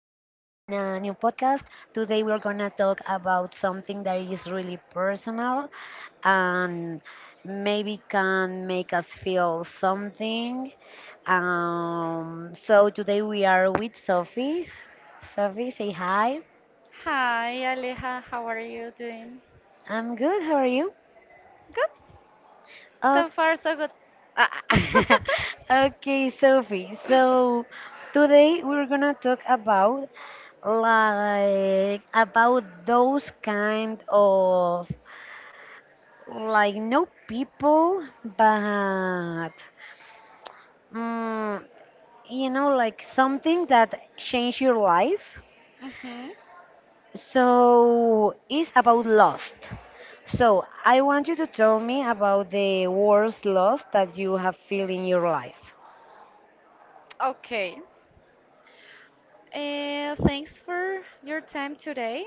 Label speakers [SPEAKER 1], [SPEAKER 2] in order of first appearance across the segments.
[SPEAKER 1] new podcast. Today we are gonna talk about something that is really personal and maybe can make us feel something. So today we are with Sophie. Sophie, say hi.
[SPEAKER 2] Hi, Aleja. How are you doing?
[SPEAKER 1] I'm good. How are you?
[SPEAKER 2] Good. So far, so good. Ah.
[SPEAKER 1] Okay, Sophie. So today we're gonna talk about like about those kind of like no people, but mm, like something that changed your life.
[SPEAKER 2] hmm.
[SPEAKER 1] So it's about lost. So I want you to tell me about the worst loss that you have feel in your life.
[SPEAKER 2] Okay. Thanks for your time today.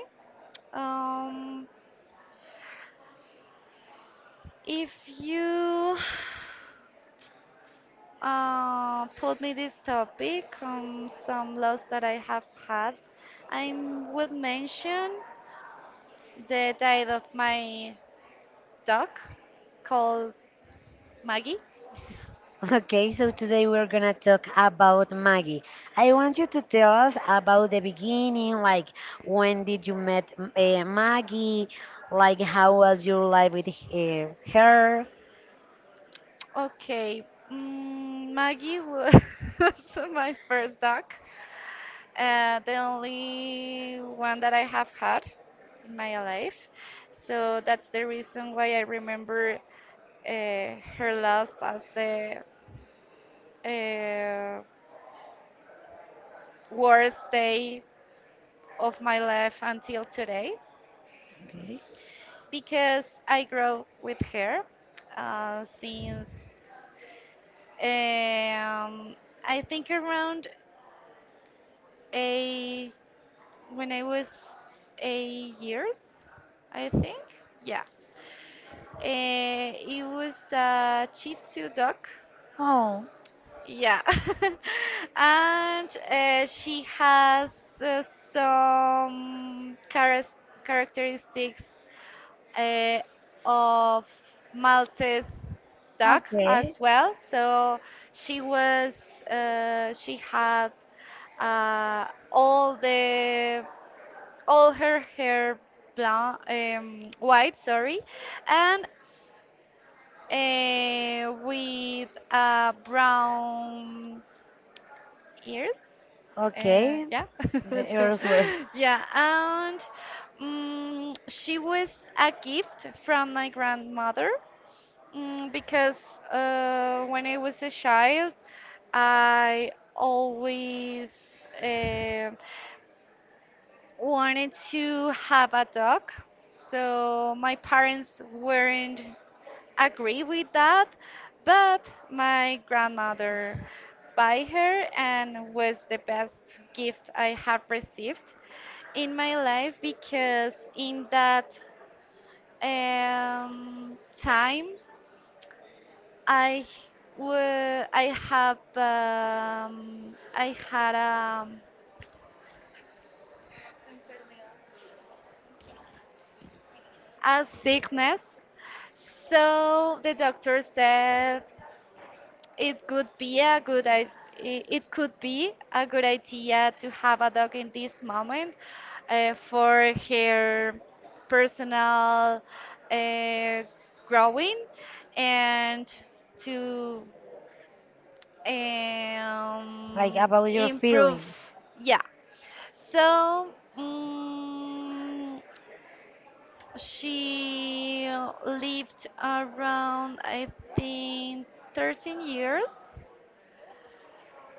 [SPEAKER 2] Um, if you put me this topic, some loss that I have had, I would mention the death of my dog called Maggie.
[SPEAKER 1] Okay, so today we're gonna talk about Maggie. I want you to tell us about the beginning, like when did you met Maggie, like how was your life with her?
[SPEAKER 2] Okay, Maggie was my first dog, the only one that I have had in my life. So that's the reason why I remember uh, her last as the uh, worst day of my life until today,
[SPEAKER 1] Okay.
[SPEAKER 2] because I grew with her since um, I think around eight when I was 8 years, I think. Yeah. It was a Shih Tzu dog.
[SPEAKER 1] Oh,
[SPEAKER 2] Yeah. And she has, some characteristics uh, of Maltese dog
[SPEAKER 1] okay.
[SPEAKER 2] as well. So she was, she had, all the all her hair blonde, white, sorry, and with brown ears.
[SPEAKER 1] Okay,
[SPEAKER 2] Yeah,
[SPEAKER 1] the errors were
[SPEAKER 2] yeah, and she was a gift from my grandmother, because when I was a child, I always, um wanted to have a dog, so my parents weren't agree with that, but my grandmother buy her and was the best gift I have received in my life because in that time I I have I had a sickness, so the doctor said it could be a it could be a good idea to have a dog in this moment for her personal uh, growing and to
[SPEAKER 1] like about your
[SPEAKER 2] improve.
[SPEAKER 1] feelings.
[SPEAKER 2] Yeah. So she lived around, I think, 13 years.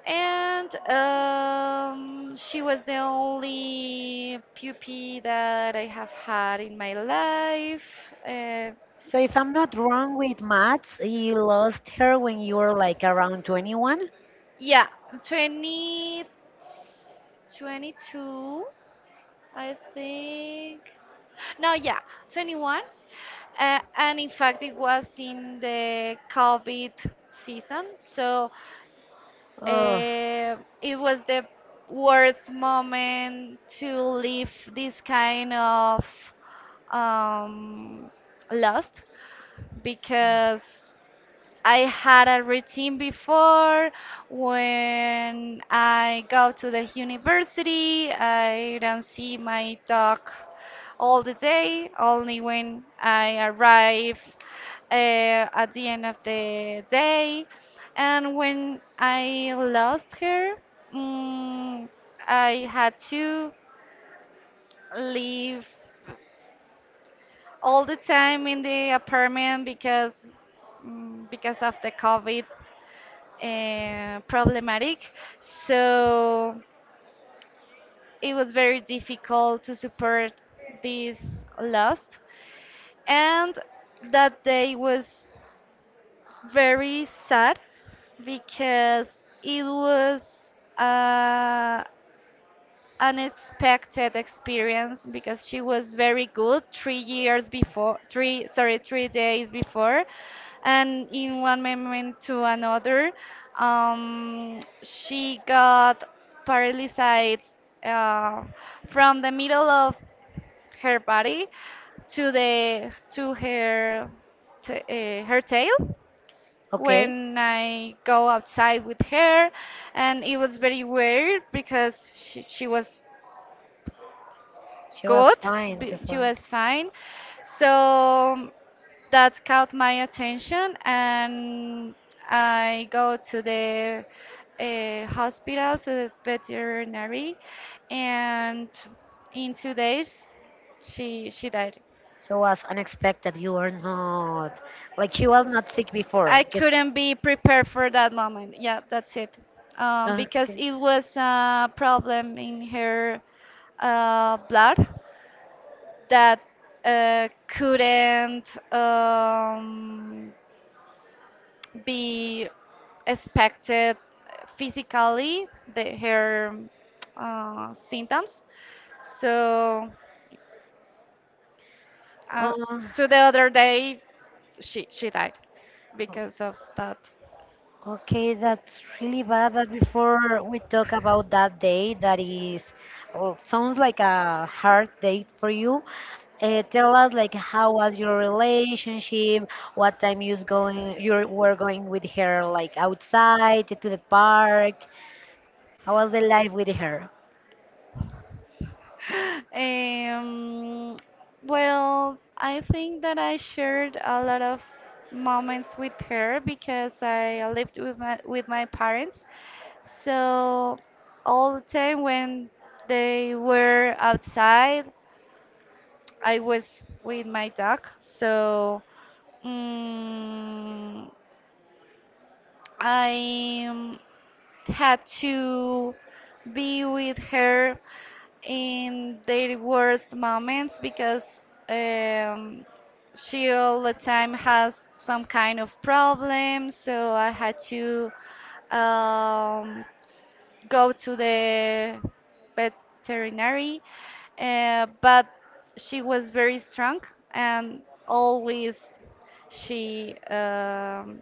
[SPEAKER 2] And she was the only puppy that I have had in my life. Uh,
[SPEAKER 1] So if I'm not wrong with maths, you lost her when you were like around 21?
[SPEAKER 2] yeah, 20, 22, I think. No, yeah, 21. And in fact, it was in the COVID season. So
[SPEAKER 1] Oh,
[SPEAKER 2] eh, it was the worst moment to live this kind of um, lost, because I had a routine before, when I go to the university. I don't see my dog all the day, only when I arrive at the end of the day. And when I lost her, mm, I had to leave all the time in the apartment because because of the COVID problematic. So it was very difficult to support this loss. And that day was very sad because it was unexpected experience, because she was very good 3 days before, and in one moment to another, she got paralyzed uh, from the middle of her body to her her tail,
[SPEAKER 1] okay.
[SPEAKER 2] when I go outside with her, and it was very weird because she was
[SPEAKER 1] She was
[SPEAKER 2] good.
[SPEAKER 1] fine
[SPEAKER 2] She
[SPEAKER 1] before.
[SPEAKER 2] was fine. So that caught my attention, and I go to the hospital, to the veterinary, and in 2 days she died.
[SPEAKER 1] So it was unexpected. You were not like she was not sick before.
[SPEAKER 2] I
[SPEAKER 1] Just.
[SPEAKER 2] couldn't be prepared for that moment. Yeah, that's it. Because
[SPEAKER 1] Okay.
[SPEAKER 2] it was a problem in her blood, that couldn't um, be expected physically the her symptoms. So uh,
[SPEAKER 1] Uh,
[SPEAKER 2] to the other day, she died because of that.
[SPEAKER 1] okay, that's really bad. But before we talk about that day, that is well, sounds like a hard date for you. Tell us like how was your relationship? What time you was going? You were going with her like outside to the park. How was the life with her?
[SPEAKER 2] Um, well, I think that I shared a lot of moments with her because I lived with my parents. So all the time when they were outside, I was with my dog. So mm I, had to be with her in their worst moments because, um, she all the time has some kind of problem. So I had to um, go to the veterinary, but she was very strong, and always she, um,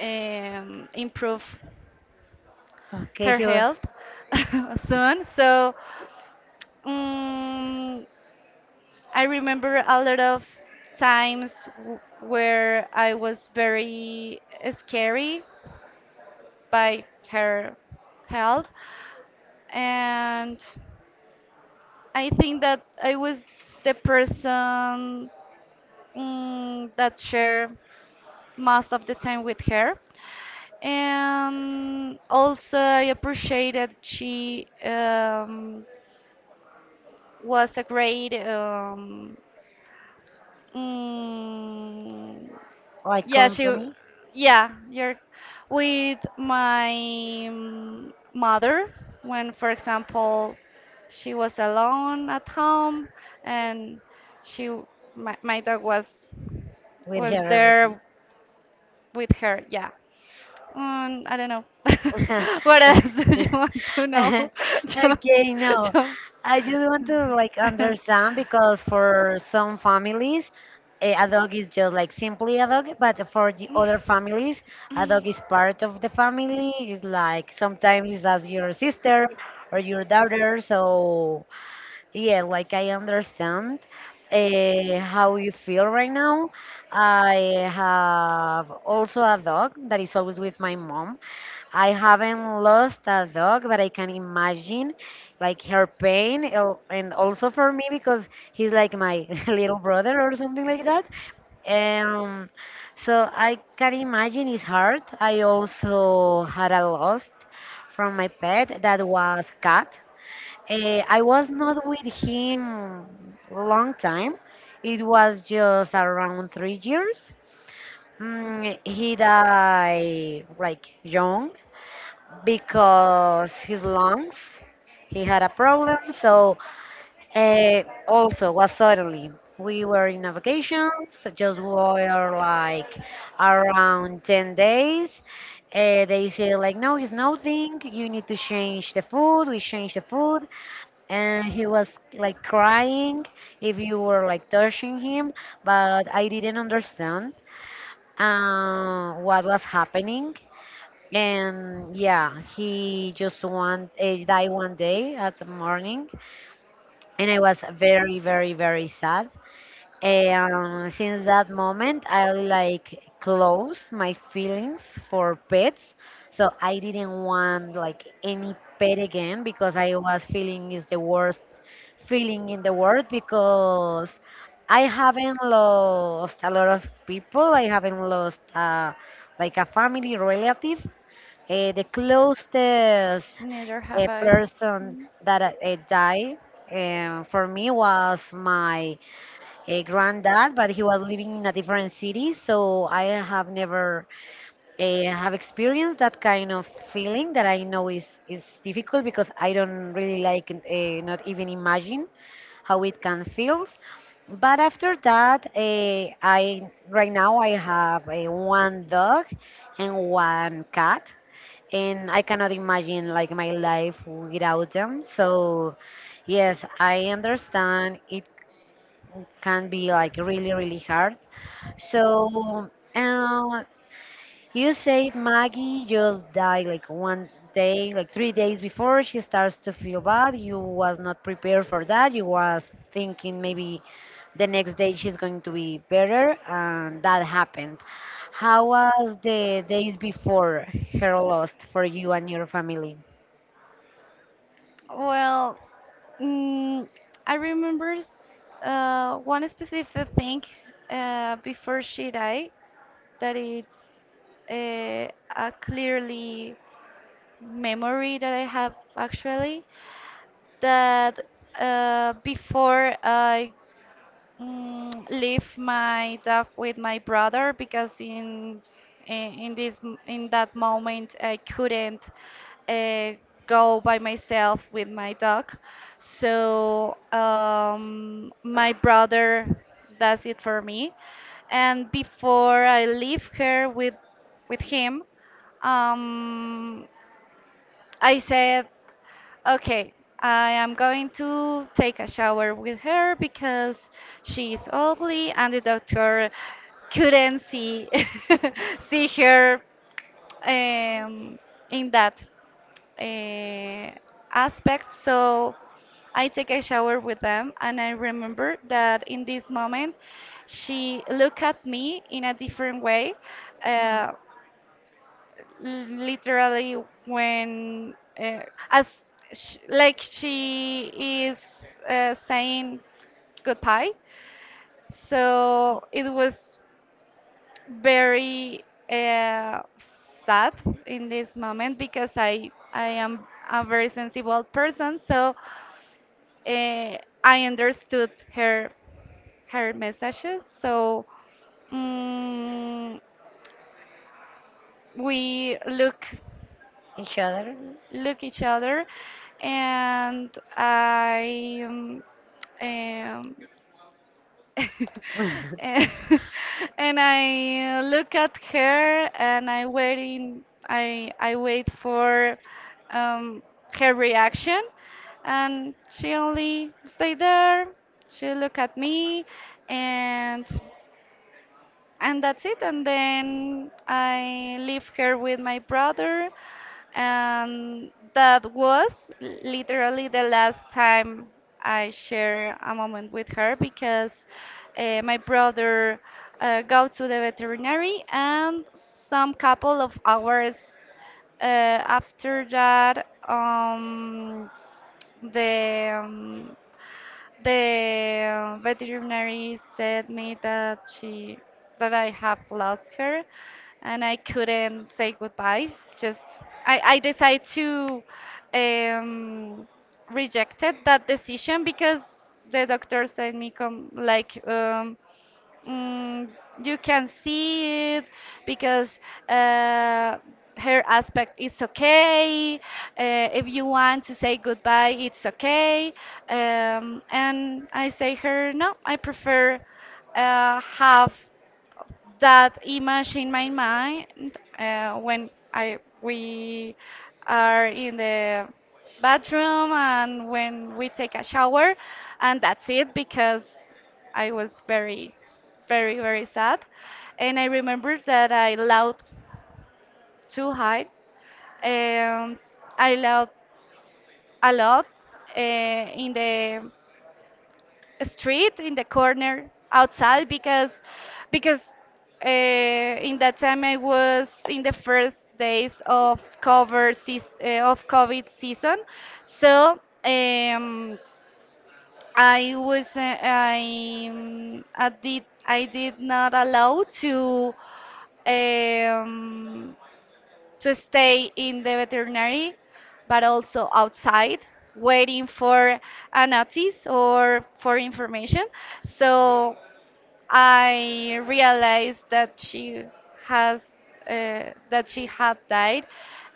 [SPEAKER 2] um, improved
[SPEAKER 1] Okay,
[SPEAKER 2] her
[SPEAKER 1] she was
[SPEAKER 2] health soon. So. Mm, I remember a lot of times where I was very scary by her health, and I think that I was the person, that share most of the time with her. And also, I appreciate that she, was a great, mm,
[SPEAKER 1] like
[SPEAKER 2] yeah, she,
[SPEAKER 1] company
[SPEAKER 2] yeah, you're with my, mother, when, for example, she was alone at home and she, my dog
[SPEAKER 1] with
[SPEAKER 2] was
[SPEAKER 1] her every time.
[SPEAKER 2] there with her. Yeah. I don't know. What else do you want to know? Just,
[SPEAKER 1] Okay, no.
[SPEAKER 2] just.
[SPEAKER 1] I just want to like understand because for some families, a dog is just like simply a dog, but for the other families, a dog is part of the family. It's like sometimes it's as your sister or your daughter, so yeah, like I understand how you feel right now. I have also a dog that is always with my mom. I haven't lost a dog, but I can imagine like her pain, and also for me because he's like my little brother or something like that. Um, so I can imagine it's hard. I also had a loss from my pet that was cat. I was not with him long time. It was just around 3 years. He died like young because his lungs he had a problem. So also was suddenly we were in a vacations. Just were like around 10 days. They say like no, it's nothing. You need to change the food. We change the food and he was like crying if you were like touching him but I didn't understand what was happening, and yeah, he just died one day at the morning, and I was very very very sad, and since that moment, I like closed my feelings for pets. So I didn't want like any pet again because I was feeling is the worst feeling in the world because I haven't lost a lot of people. I haven't lost like a family relative. The closest
[SPEAKER 2] Neither have I.
[SPEAKER 1] person
[SPEAKER 2] Mm.
[SPEAKER 1] that died for me was my a granddad, but he was living in a different city, so I have never have experienced that kind of feeling that I know is difficult because I don't really like not even imagine how it can feels. But after that, I right now I have one dog and one cat, and I cannot imagine like my life without them. So yes, I understand it can be like really really hard. So uh, you said Maggie just died like one day, like 3 days before she starts to feel bad. You was not prepared for that. You was thinking maybe the next day she's going to be better, and that happened. How was the days before her loss for you and your family
[SPEAKER 2] Well, mm, I remember one specific thing before she died, that it's a, a clearly memory that I have actually, that before I, leave my dog with my brother, because in that moment I couldn't uh, go by myself with my dog. So my brother does it for me. And before I leave her with him, um, I said, okay, I am going to take a shower with her because she is ugly and the doctor couldn't see see her um, in that uh, aspect. So I take a shower with them, and I remember that in this moment, she looked at me in a different way. Uh, Literally when, as sh like she is saying goodbye, so it was very uh, sad in this moment, because I am a very sensible person, so uh, I understood her, her messages. So mm, we
[SPEAKER 1] each other?
[SPEAKER 2] look each other, and I, um, and and I look at her and I wait for um, her reaction, and she only stay there, she look at me, and that's it. And then I live here with my brother, and that was literally the last time I share a moment with her, because my brother go to the veterinary, and some couple of hours after that, the um, the veterinary said me that she, that I have lost her, and I couldn't say goodbye. Just I decided to um, rejected that decision because the doctor said me, come, like Mm, you can see it because uh, her aspect is okay. If you want to say goodbye, it's okay. And I say her, no, I prefer have that image in my mind when I we are in the bathroom and when we take a shower, and that's it, because I was very, very, very sad, and I remember that I laughed too high, um, I laughed a lot in the street in the corner outside, because because in that time I was in the first days of COVID season, so um, I was I did not allow um, to stay in the veterinary, but also outside, waiting for a notice or for information. So I realized that she has that she had died,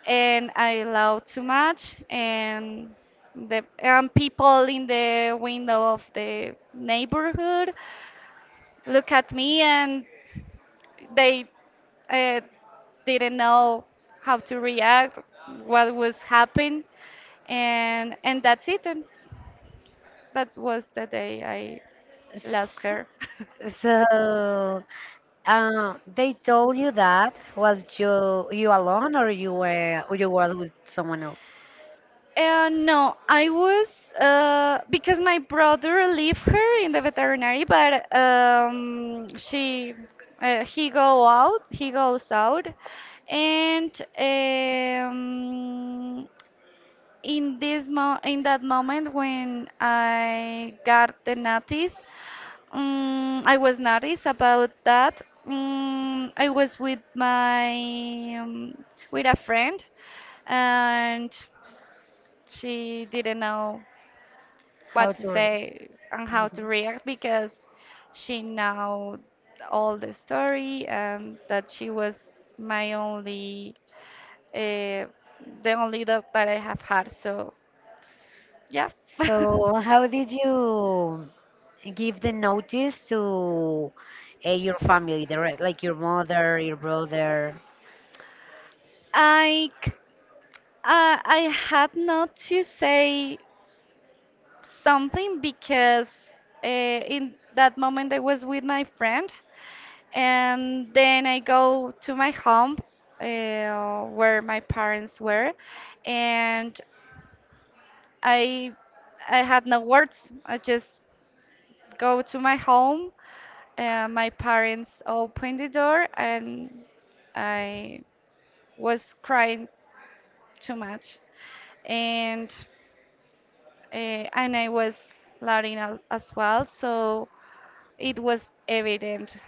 [SPEAKER 2] and I laughed too much, and the and people in the window of the neighborhood look at me, and they uh, didn't know how to react, what was happening, and that's it. And that was the day I lost
[SPEAKER 1] S-
[SPEAKER 2] her.
[SPEAKER 1] So, they told you that was you alone, or you were or you was with someone else?
[SPEAKER 2] And no, I was because my brother left her in the veterinary, but she he goes out, and in this mo in that moment when I got the notice, I was noticed about that. I was with my, um, with a friend, and she didn't know
[SPEAKER 1] How
[SPEAKER 2] what to
[SPEAKER 1] to read?
[SPEAKER 2] say and how to
[SPEAKER 1] Mhm.
[SPEAKER 2] react, because she know all the story and that she was my only, uh, the only dog that I have had. So yeah.
[SPEAKER 1] So, how did you give the notice to your family, the re like your mother, your brother?
[SPEAKER 2] I c- I had not to say something because in that moment I was with my friend, and then I go to my home where my parents were, and I I had no words. I just go to my home. My parents opened the door, and I was crying too much. and uh, and I was Latina as well, so it was evident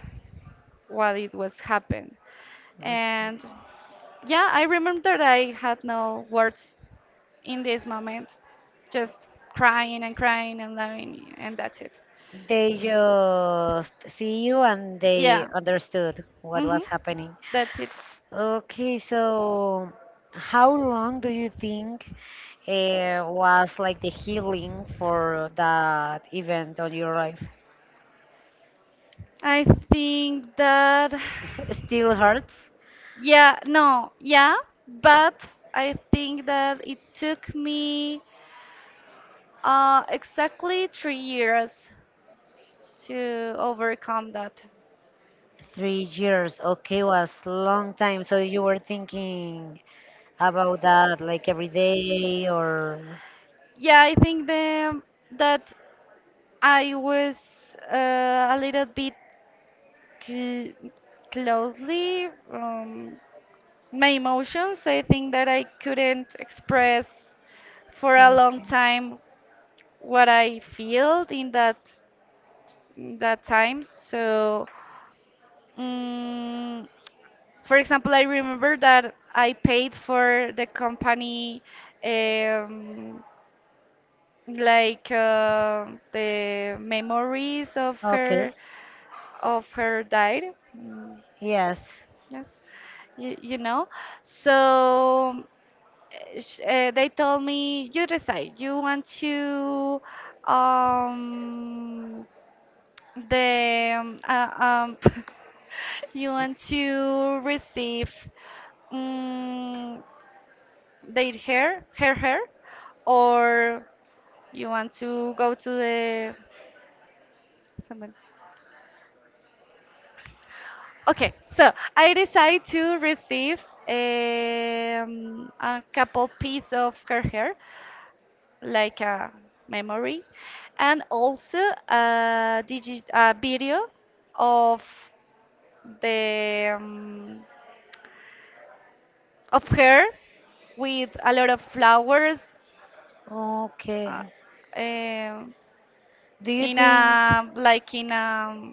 [SPEAKER 2] what it was happened.
[SPEAKER 1] Okay.
[SPEAKER 2] And yeah, I remember that I had no words in this moment, just crying and crying and loving, and that's it.
[SPEAKER 1] They just see you and
[SPEAKER 2] Yeah.
[SPEAKER 1] they understood what
[SPEAKER 2] Mm-hmm.
[SPEAKER 1] was happening.
[SPEAKER 2] That's it.
[SPEAKER 1] Okay, so how long do you think was like the healing for that event on your life?
[SPEAKER 2] I think that,
[SPEAKER 1] Still hurts?
[SPEAKER 2] yeah, no, yeah, but I think that it took me, exactly 3 years to overcome that.
[SPEAKER 1] 3 years. Okay, was long time. So you were thinking about that like every day or
[SPEAKER 2] Yeah, I think that I was a little bit cl closely. My emotions, I think that I couldn't express for a long
[SPEAKER 1] okay.
[SPEAKER 2] time what I felt in that time. So. Mm, For example, I remember that I paid for the company, um, like uh, the memories of her,
[SPEAKER 1] Okay.
[SPEAKER 2] of her died. Mm,
[SPEAKER 1] Yes.
[SPEAKER 2] yes, you know. So they told me, you decide. You want to um, the um, you want to receive, Mm, their hair, her hair, or you want to go to the someone. Okay, so I decide to receive, a couple piece of her hair, like a memory, and also a video of the of her with a lot of flowers,
[SPEAKER 1] Okay.
[SPEAKER 2] uh, um
[SPEAKER 1] Do you
[SPEAKER 2] in
[SPEAKER 1] think?
[SPEAKER 2] a, like in a,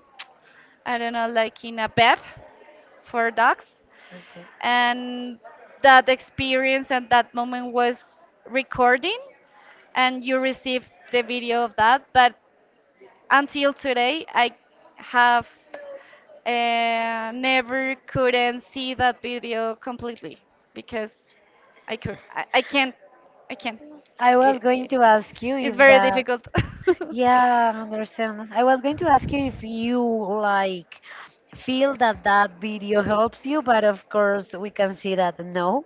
[SPEAKER 2] I don't know, like in a pet for dogs.
[SPEAKER 1] Okay.
[SPEAKER 2] And that experience and that moment was recording, and you received the video of that. But until today, I have never couldn't see that video completely because I can't, I can't.
[SPEAKER 1] I was
[SPEAKER 2] It,
[SPEAKER 1] going
[SPEAKER 2] it,
[SPEAKER 1] to ask you
[SPEAKER 2] it's
[SPEAKER 1] if
[SPEAKER 2] very
[SPEAKER 1] that.
[SPEAKER 2] difficult.
[SPEAKER 1] Yeah, I understand. I was going to ask you if you like feel that that video helps you, but of course we can see that no,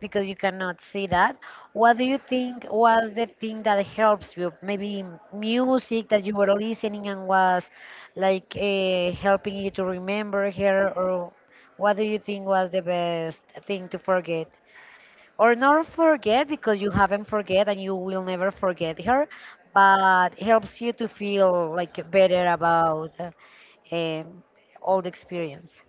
[SPEAKER 1] because you cannot see that. What do you think was the thing that helps you? Maybe music that you were listening and was like helping you to remember her, or what do you think was the best thing to forget? Or not forget because you haven't forget and you will never forget her, but helps you to feel like better about um, all the experience.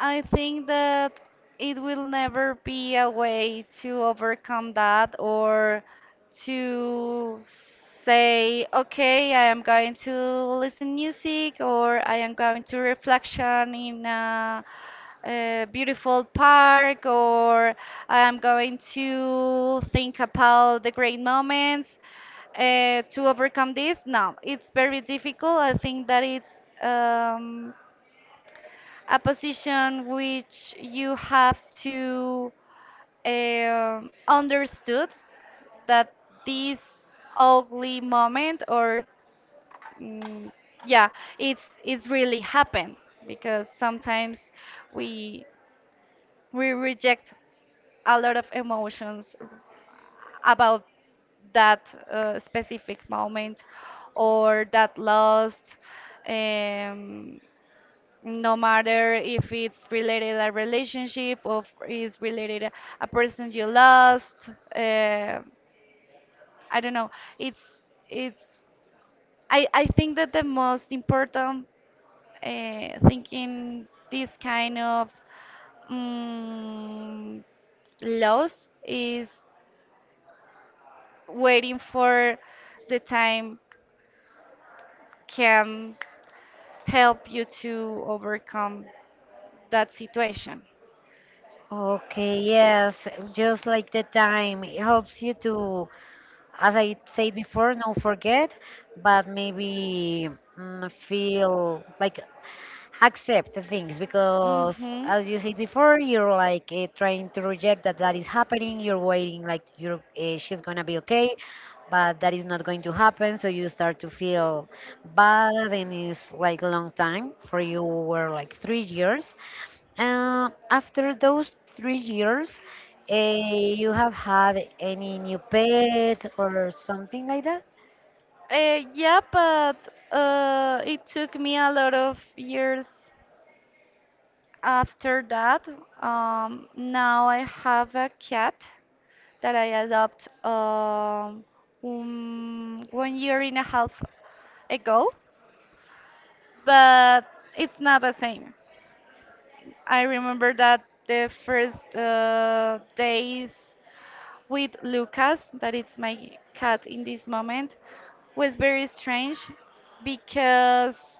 [SPEAKER 2] I think that it will never be a way to overcome that, or to say, okay, I am going to listen music, or I am going to reflection in a beautiful park, or I am going to think about the great moments to overcome this? No, it's very difficult. I think that it's a position which you have to understood that this ugly moment or mm, yeah, it's really happened, because sometimes we we reject a lot of emotions about that specific moment or that loss. um, no matter if it's related a relationship or is related a person you lost. uh, I don't know. It's it's i i think that the most important thing in this kind of um, loss is waiting for the time can help you to overcome that situation.
[SPEAKER 1] Okay, yes, just like the time, it helps you to, as I said before, not forget, but maybe feel like accept the things because,
[SPEAKER 2] Mm-hmm.
[SPEAKER 1] as you said before, you're like trying to reject that that is happening. You're waiting like you're she's gonna be okay, but that is not going to happen. So you start to feel bad, and it's like long time for you were like 3 years. After those 3 years, you have had any new pet or something like that?
[SPEAKER 2] Yeah, but it took me a lot of years after that. Now I have a cat that I adopted 1 year and a half ago, but it's not the same. I remember that the first days with Lucas, that it's my cat in this moment, was very strange because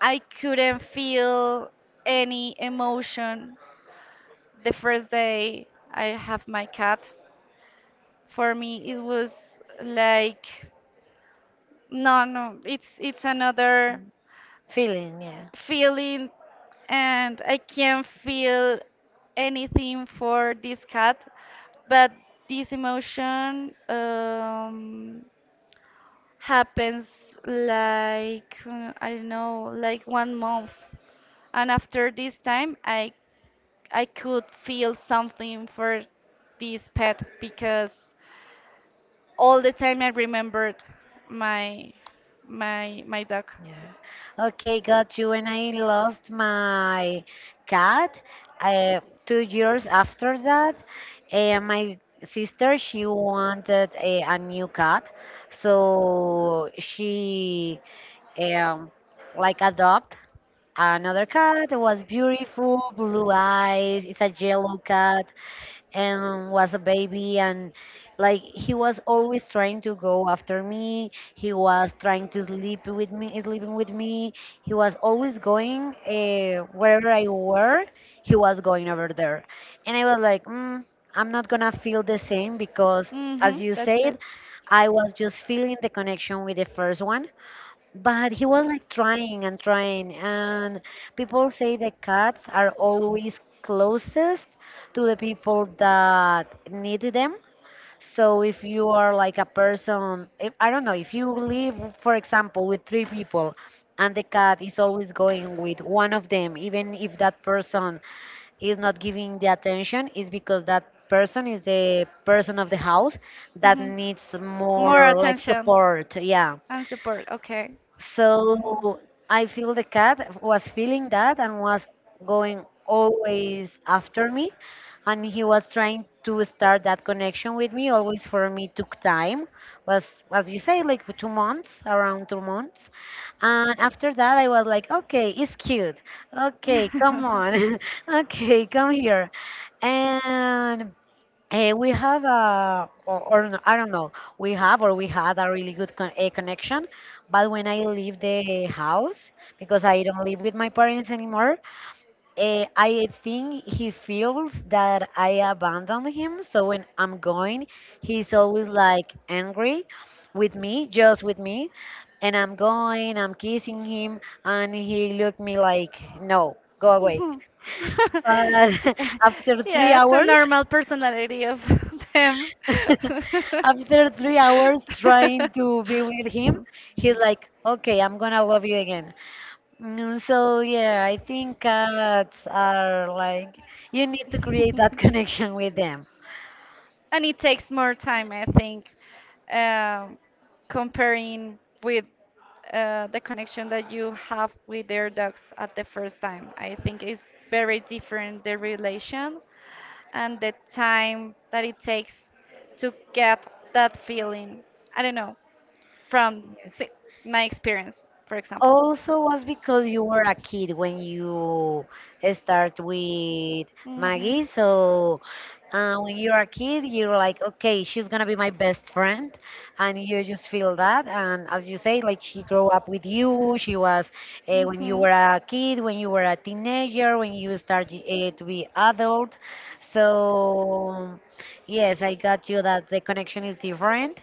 [SPEAKER 2] I couldn't feel any emotion the first day I have my cat. For me, it was like no, no, it's another
[SPEAKER 1] Mm, feeling, yeah.
[SPEAKER 2] feeling, and I can't feel anything for this cat. But this emotion happens like I don't know, like 1 month. And after this time, I could feel something for this pet, because all the time I remembered my my dog.
[SPEAKER 1] Yeah. Okay, got you. When I lost my cat, 2 years after that, my sister she wanted a new cat, so she um, like adopt another cat. It was beautiful, blue eyes. It's a yellow cat and was a baby, and like he was always trying to go after me. He was trying to sleep with me, sleeping with me. He was always going wherever I were. He was going over there, and I was like, mm, I'm not gonna feel the same because, as
[SPEAKER 2] Mhm,
[SPEAKER 1] you
[SPEAKER 2] that's it.
[SPEAKER 1] said, I was just feeling the connection with the first one, but he was like trying and trying, and people say the cats are always closest to the people that need them. So if you are like a person, if, I don't know, if you live, for example, with three people and the cat is always going with one of them, even if that person is not giving the attention, is because that person is the person of the house that
[SPEAKER 2] Hmm.
[SPEAKER 1] needs
[SPEAKER 2] More
[SPEAKER 1] more like
[SPEAKER 2] attention
[SPEAKER 1] support. Yeah.
[SPEAKER 2] and support. Okay, cool.
[SPEAKER 1] So I feel the cat was feeling that and was going always after me. And he was trying to start that connection with me. Always for me took time, was as you say, like 2 months, around 2 months. And after that, I was like, okay, it's cute. Okay, come on. Okay, come here. And we have a, or no, I don't know, we have or we had a really good connection, but when I leave the house, because I don't live with my parents anymore, I think he feels that I abandoned him. So when I'm going, he's always like angry with me, just with me. And I'm going, I'm kissing him, and he looked me like, no, go away.
[SPEAKER 2] Mhm.
[SPEAKER 1] But after three
[SPEAKER 2] Yeah, it's a
[SPEAKER 1] hours,
[SPEAKER 2] normal personality of them.
[SPEAKER 1] after 3 hours trying to be with him, he's like, okay, I'm gonna love you again. Mm, so, yeah, I think cats are like, you need to create that connection with them.
[SPEAKER 2] And it takes more time, I think, um, comparing with the connection that you have with their dogs at the first time. I think it's very different the relation and the time that it takes to get that feeling. I don't know, from
[SPEAKER 1] Yes.
[SPEAKER 2] si- my experience, for example.
[SPEAKER 1] Also was because you were a kid when you start with
[SPEAKER 2] Hmm.
[SPEAKER 1] Maggie. So when you're a kid, you're like, okay, she's gonna be my best friend, and you just feel that. And as you say, like she grew up with you. She was when you
[SPEAKER 2] Hmm.
[SPEAKER 1] were a kid, when you were a teenager, when you start to be adult. So yes, I got you that the connection is different,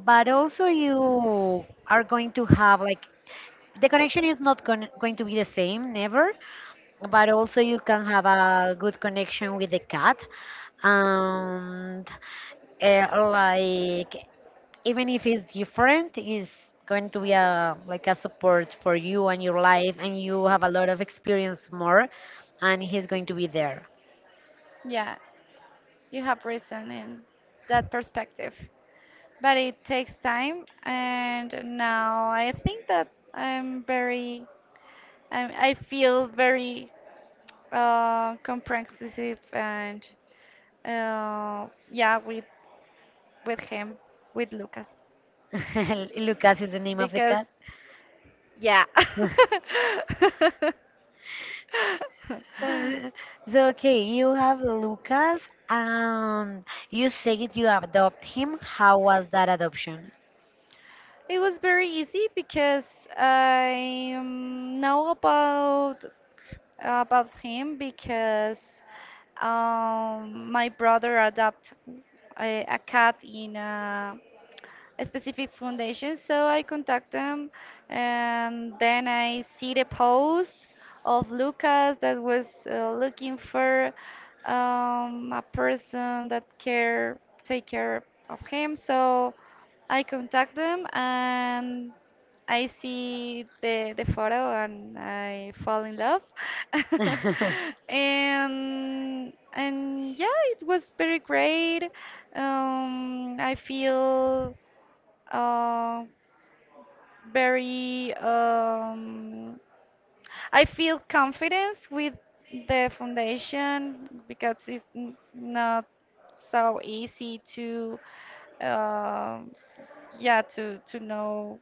[SPEAKER 1] but also you are going to have like the connection is not gon going to be the same, never, but also you can have a good connection with the cat. And like, even if it's different, it's going to be a like a support for you and your life, and you have a lot of experience more, and he's going to be there.
[SPEAKER 2] Yeah, you have reason in that perspective. But it takes time, and now I think that I'm very, I feel very comprehensive and yeah, with him, with Lucas,
[SPEAKER 1] Lucas is the name of the
[SPEAKER 2] because
[SPEAKER 1] cat.
[SPEAKER 2] yeah,
[SPEAKER 1] Uh, So, okay, you have Lucas, and you said you adopt him. How was that adoption?
[SPEAKER 2] it was very easy, because I know about him, because my brother adopted a cat in a specific foundation. So I contact them, and then I see the post of Lucas, that was looking for a person that care take care of him. So I contact them, and I see the photo and I fall in love. And yeah, it was very great. I feel uh, very I feel confidence with the foundation, because not so easy to um, yeah to know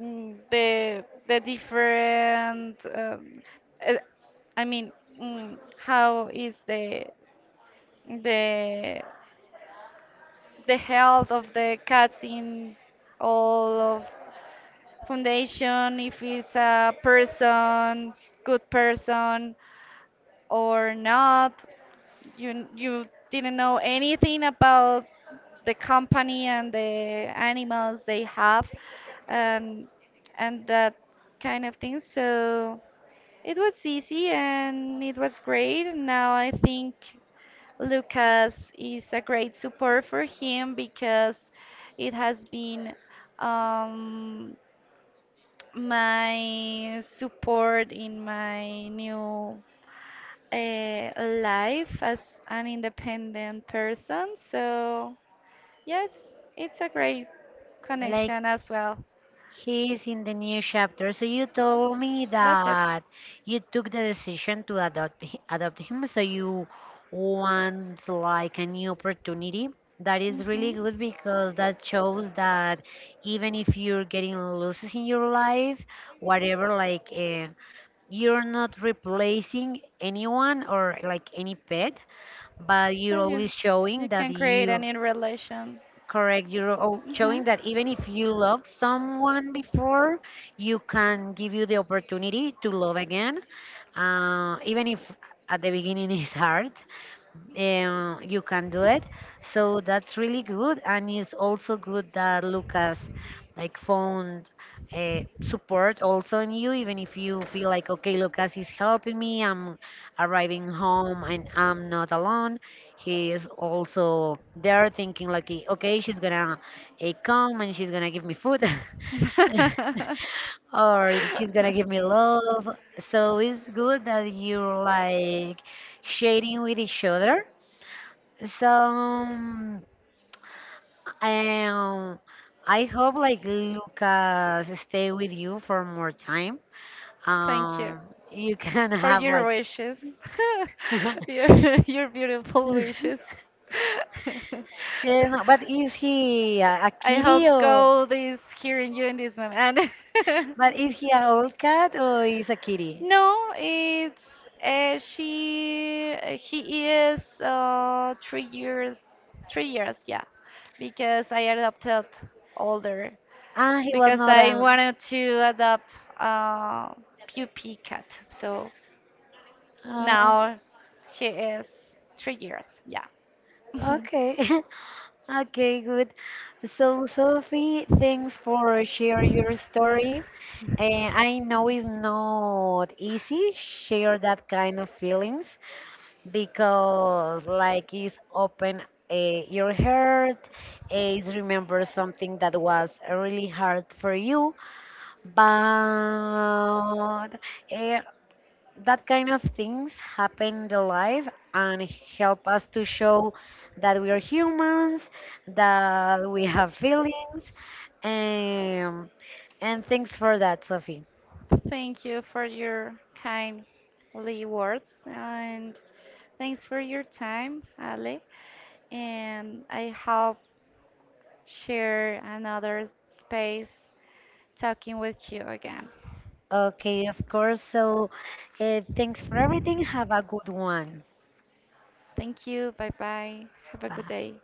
[SPEAKER 2] the different uh, I mean how is the the the health of the cats in all of foundation, if it's a person good person or not. You didn't know anything about the company and the animals they have, and and that kind of thing. So it was easy and it was great. Now I think Lucas is a great support for him, because it has been um, my support in my new life as an independent person. So, yes, it's a great
[SPEAKER 1] Like
[SPEAKER 2] connection as well.
[SPEAKER 1] he's in the new chapter. So you told me
[SPEAKER 2] That's it.
[SPEAKER 1] that you took the decision to adopt him. So you want like a new opportunity. That is
[SPEAKER 2] Hmm.
[SPEAKER 1] really good because that shows that even if you're getting losses in your life, whatever, like. You're not replacing anyone or like any pet, but you're
[SPEAKER 2] But
[SPEAKER 1] always
[SPEAKER 2] you
[SPEAKER 1] showing that
[SPEAKER 2] can create
[SPEAKER 1] you
[SPEAKER 2] any relation.
[SPEAKER 1] correct. You're
[SPEAKER 2] Hmm.
[SPEAKER 1] showing that even if you loved someone before, you can give you the opportunity to love again, even if at the beginning it's hard, you can do it. So that's really good, and it's also good that Lucas like found support also in you, even if you feel like okay, Lucas is helping me. I'm arriving home and I'm not alone. He is also there, thinking like eh, okay, she's gonna come and she's gonna give me food. Or she's gonna give me love. So it's good that you're like sharing with each other, so, I hope like Lucas stay with you for more time.
[SPEAKER 2] Thank you
[SPEAKER 1] Um, you can
[SPEAKER 2] for
[SPEAKER 1] have
[SPEAKER 2] your
[SPEAKER 1] like.
[SPEAKER 2] wishes. your, your beautiful wishes.
[SPEAKER 1] Yeah, no, but is he a
[SPEAKER 2] I
[SPEAKER 1] kitty
[SPEAKER 2] hope
[SPEAKER 1] or?
[SPEAKER 2] God is hearing you in this moment. And
[SPEAKER 1] But is he an old cat or is a kitty?
[SPEAKER 2] no, it's she. He is 3 years. 3 years, yeah, because I adopted older,
[SPEAKER 1] Ah, he was
[SPEAKER 2] because
[SPEAKER 1] not
[SPEAKER 2] I
[SPEAKER 1] a.
[SPEAKER 2] wanted to adopt a puppy cat. So
[SPEAKER 1] Okay.
[SPEAKER 2] now he is 3 years, yeah.
[SPEAKER 1] Okay. Okay, good. So, Sophie, thanks for share your story. Eh, I know it's not easy share that kind of feelings because, like, it's open eh, your heart, eh, it's remember something that was really hard for you. But eh, that kind of things happen in the life and help us to show that we are humans, that we have feelings, um, and thanks for that, Sophie.
[SPEAKER 2] Thank you for your kindly words and thanks for your time, Ale. And I hope share another space talking with you again.
[SPEAKER 1] Okay, of course. So, thanks for everything. Have a good one.
[SPEAKER 2] Thank you. Bye bye. Have a good
[SPEAKER 1] Bye.
[SPEAKER 2] day.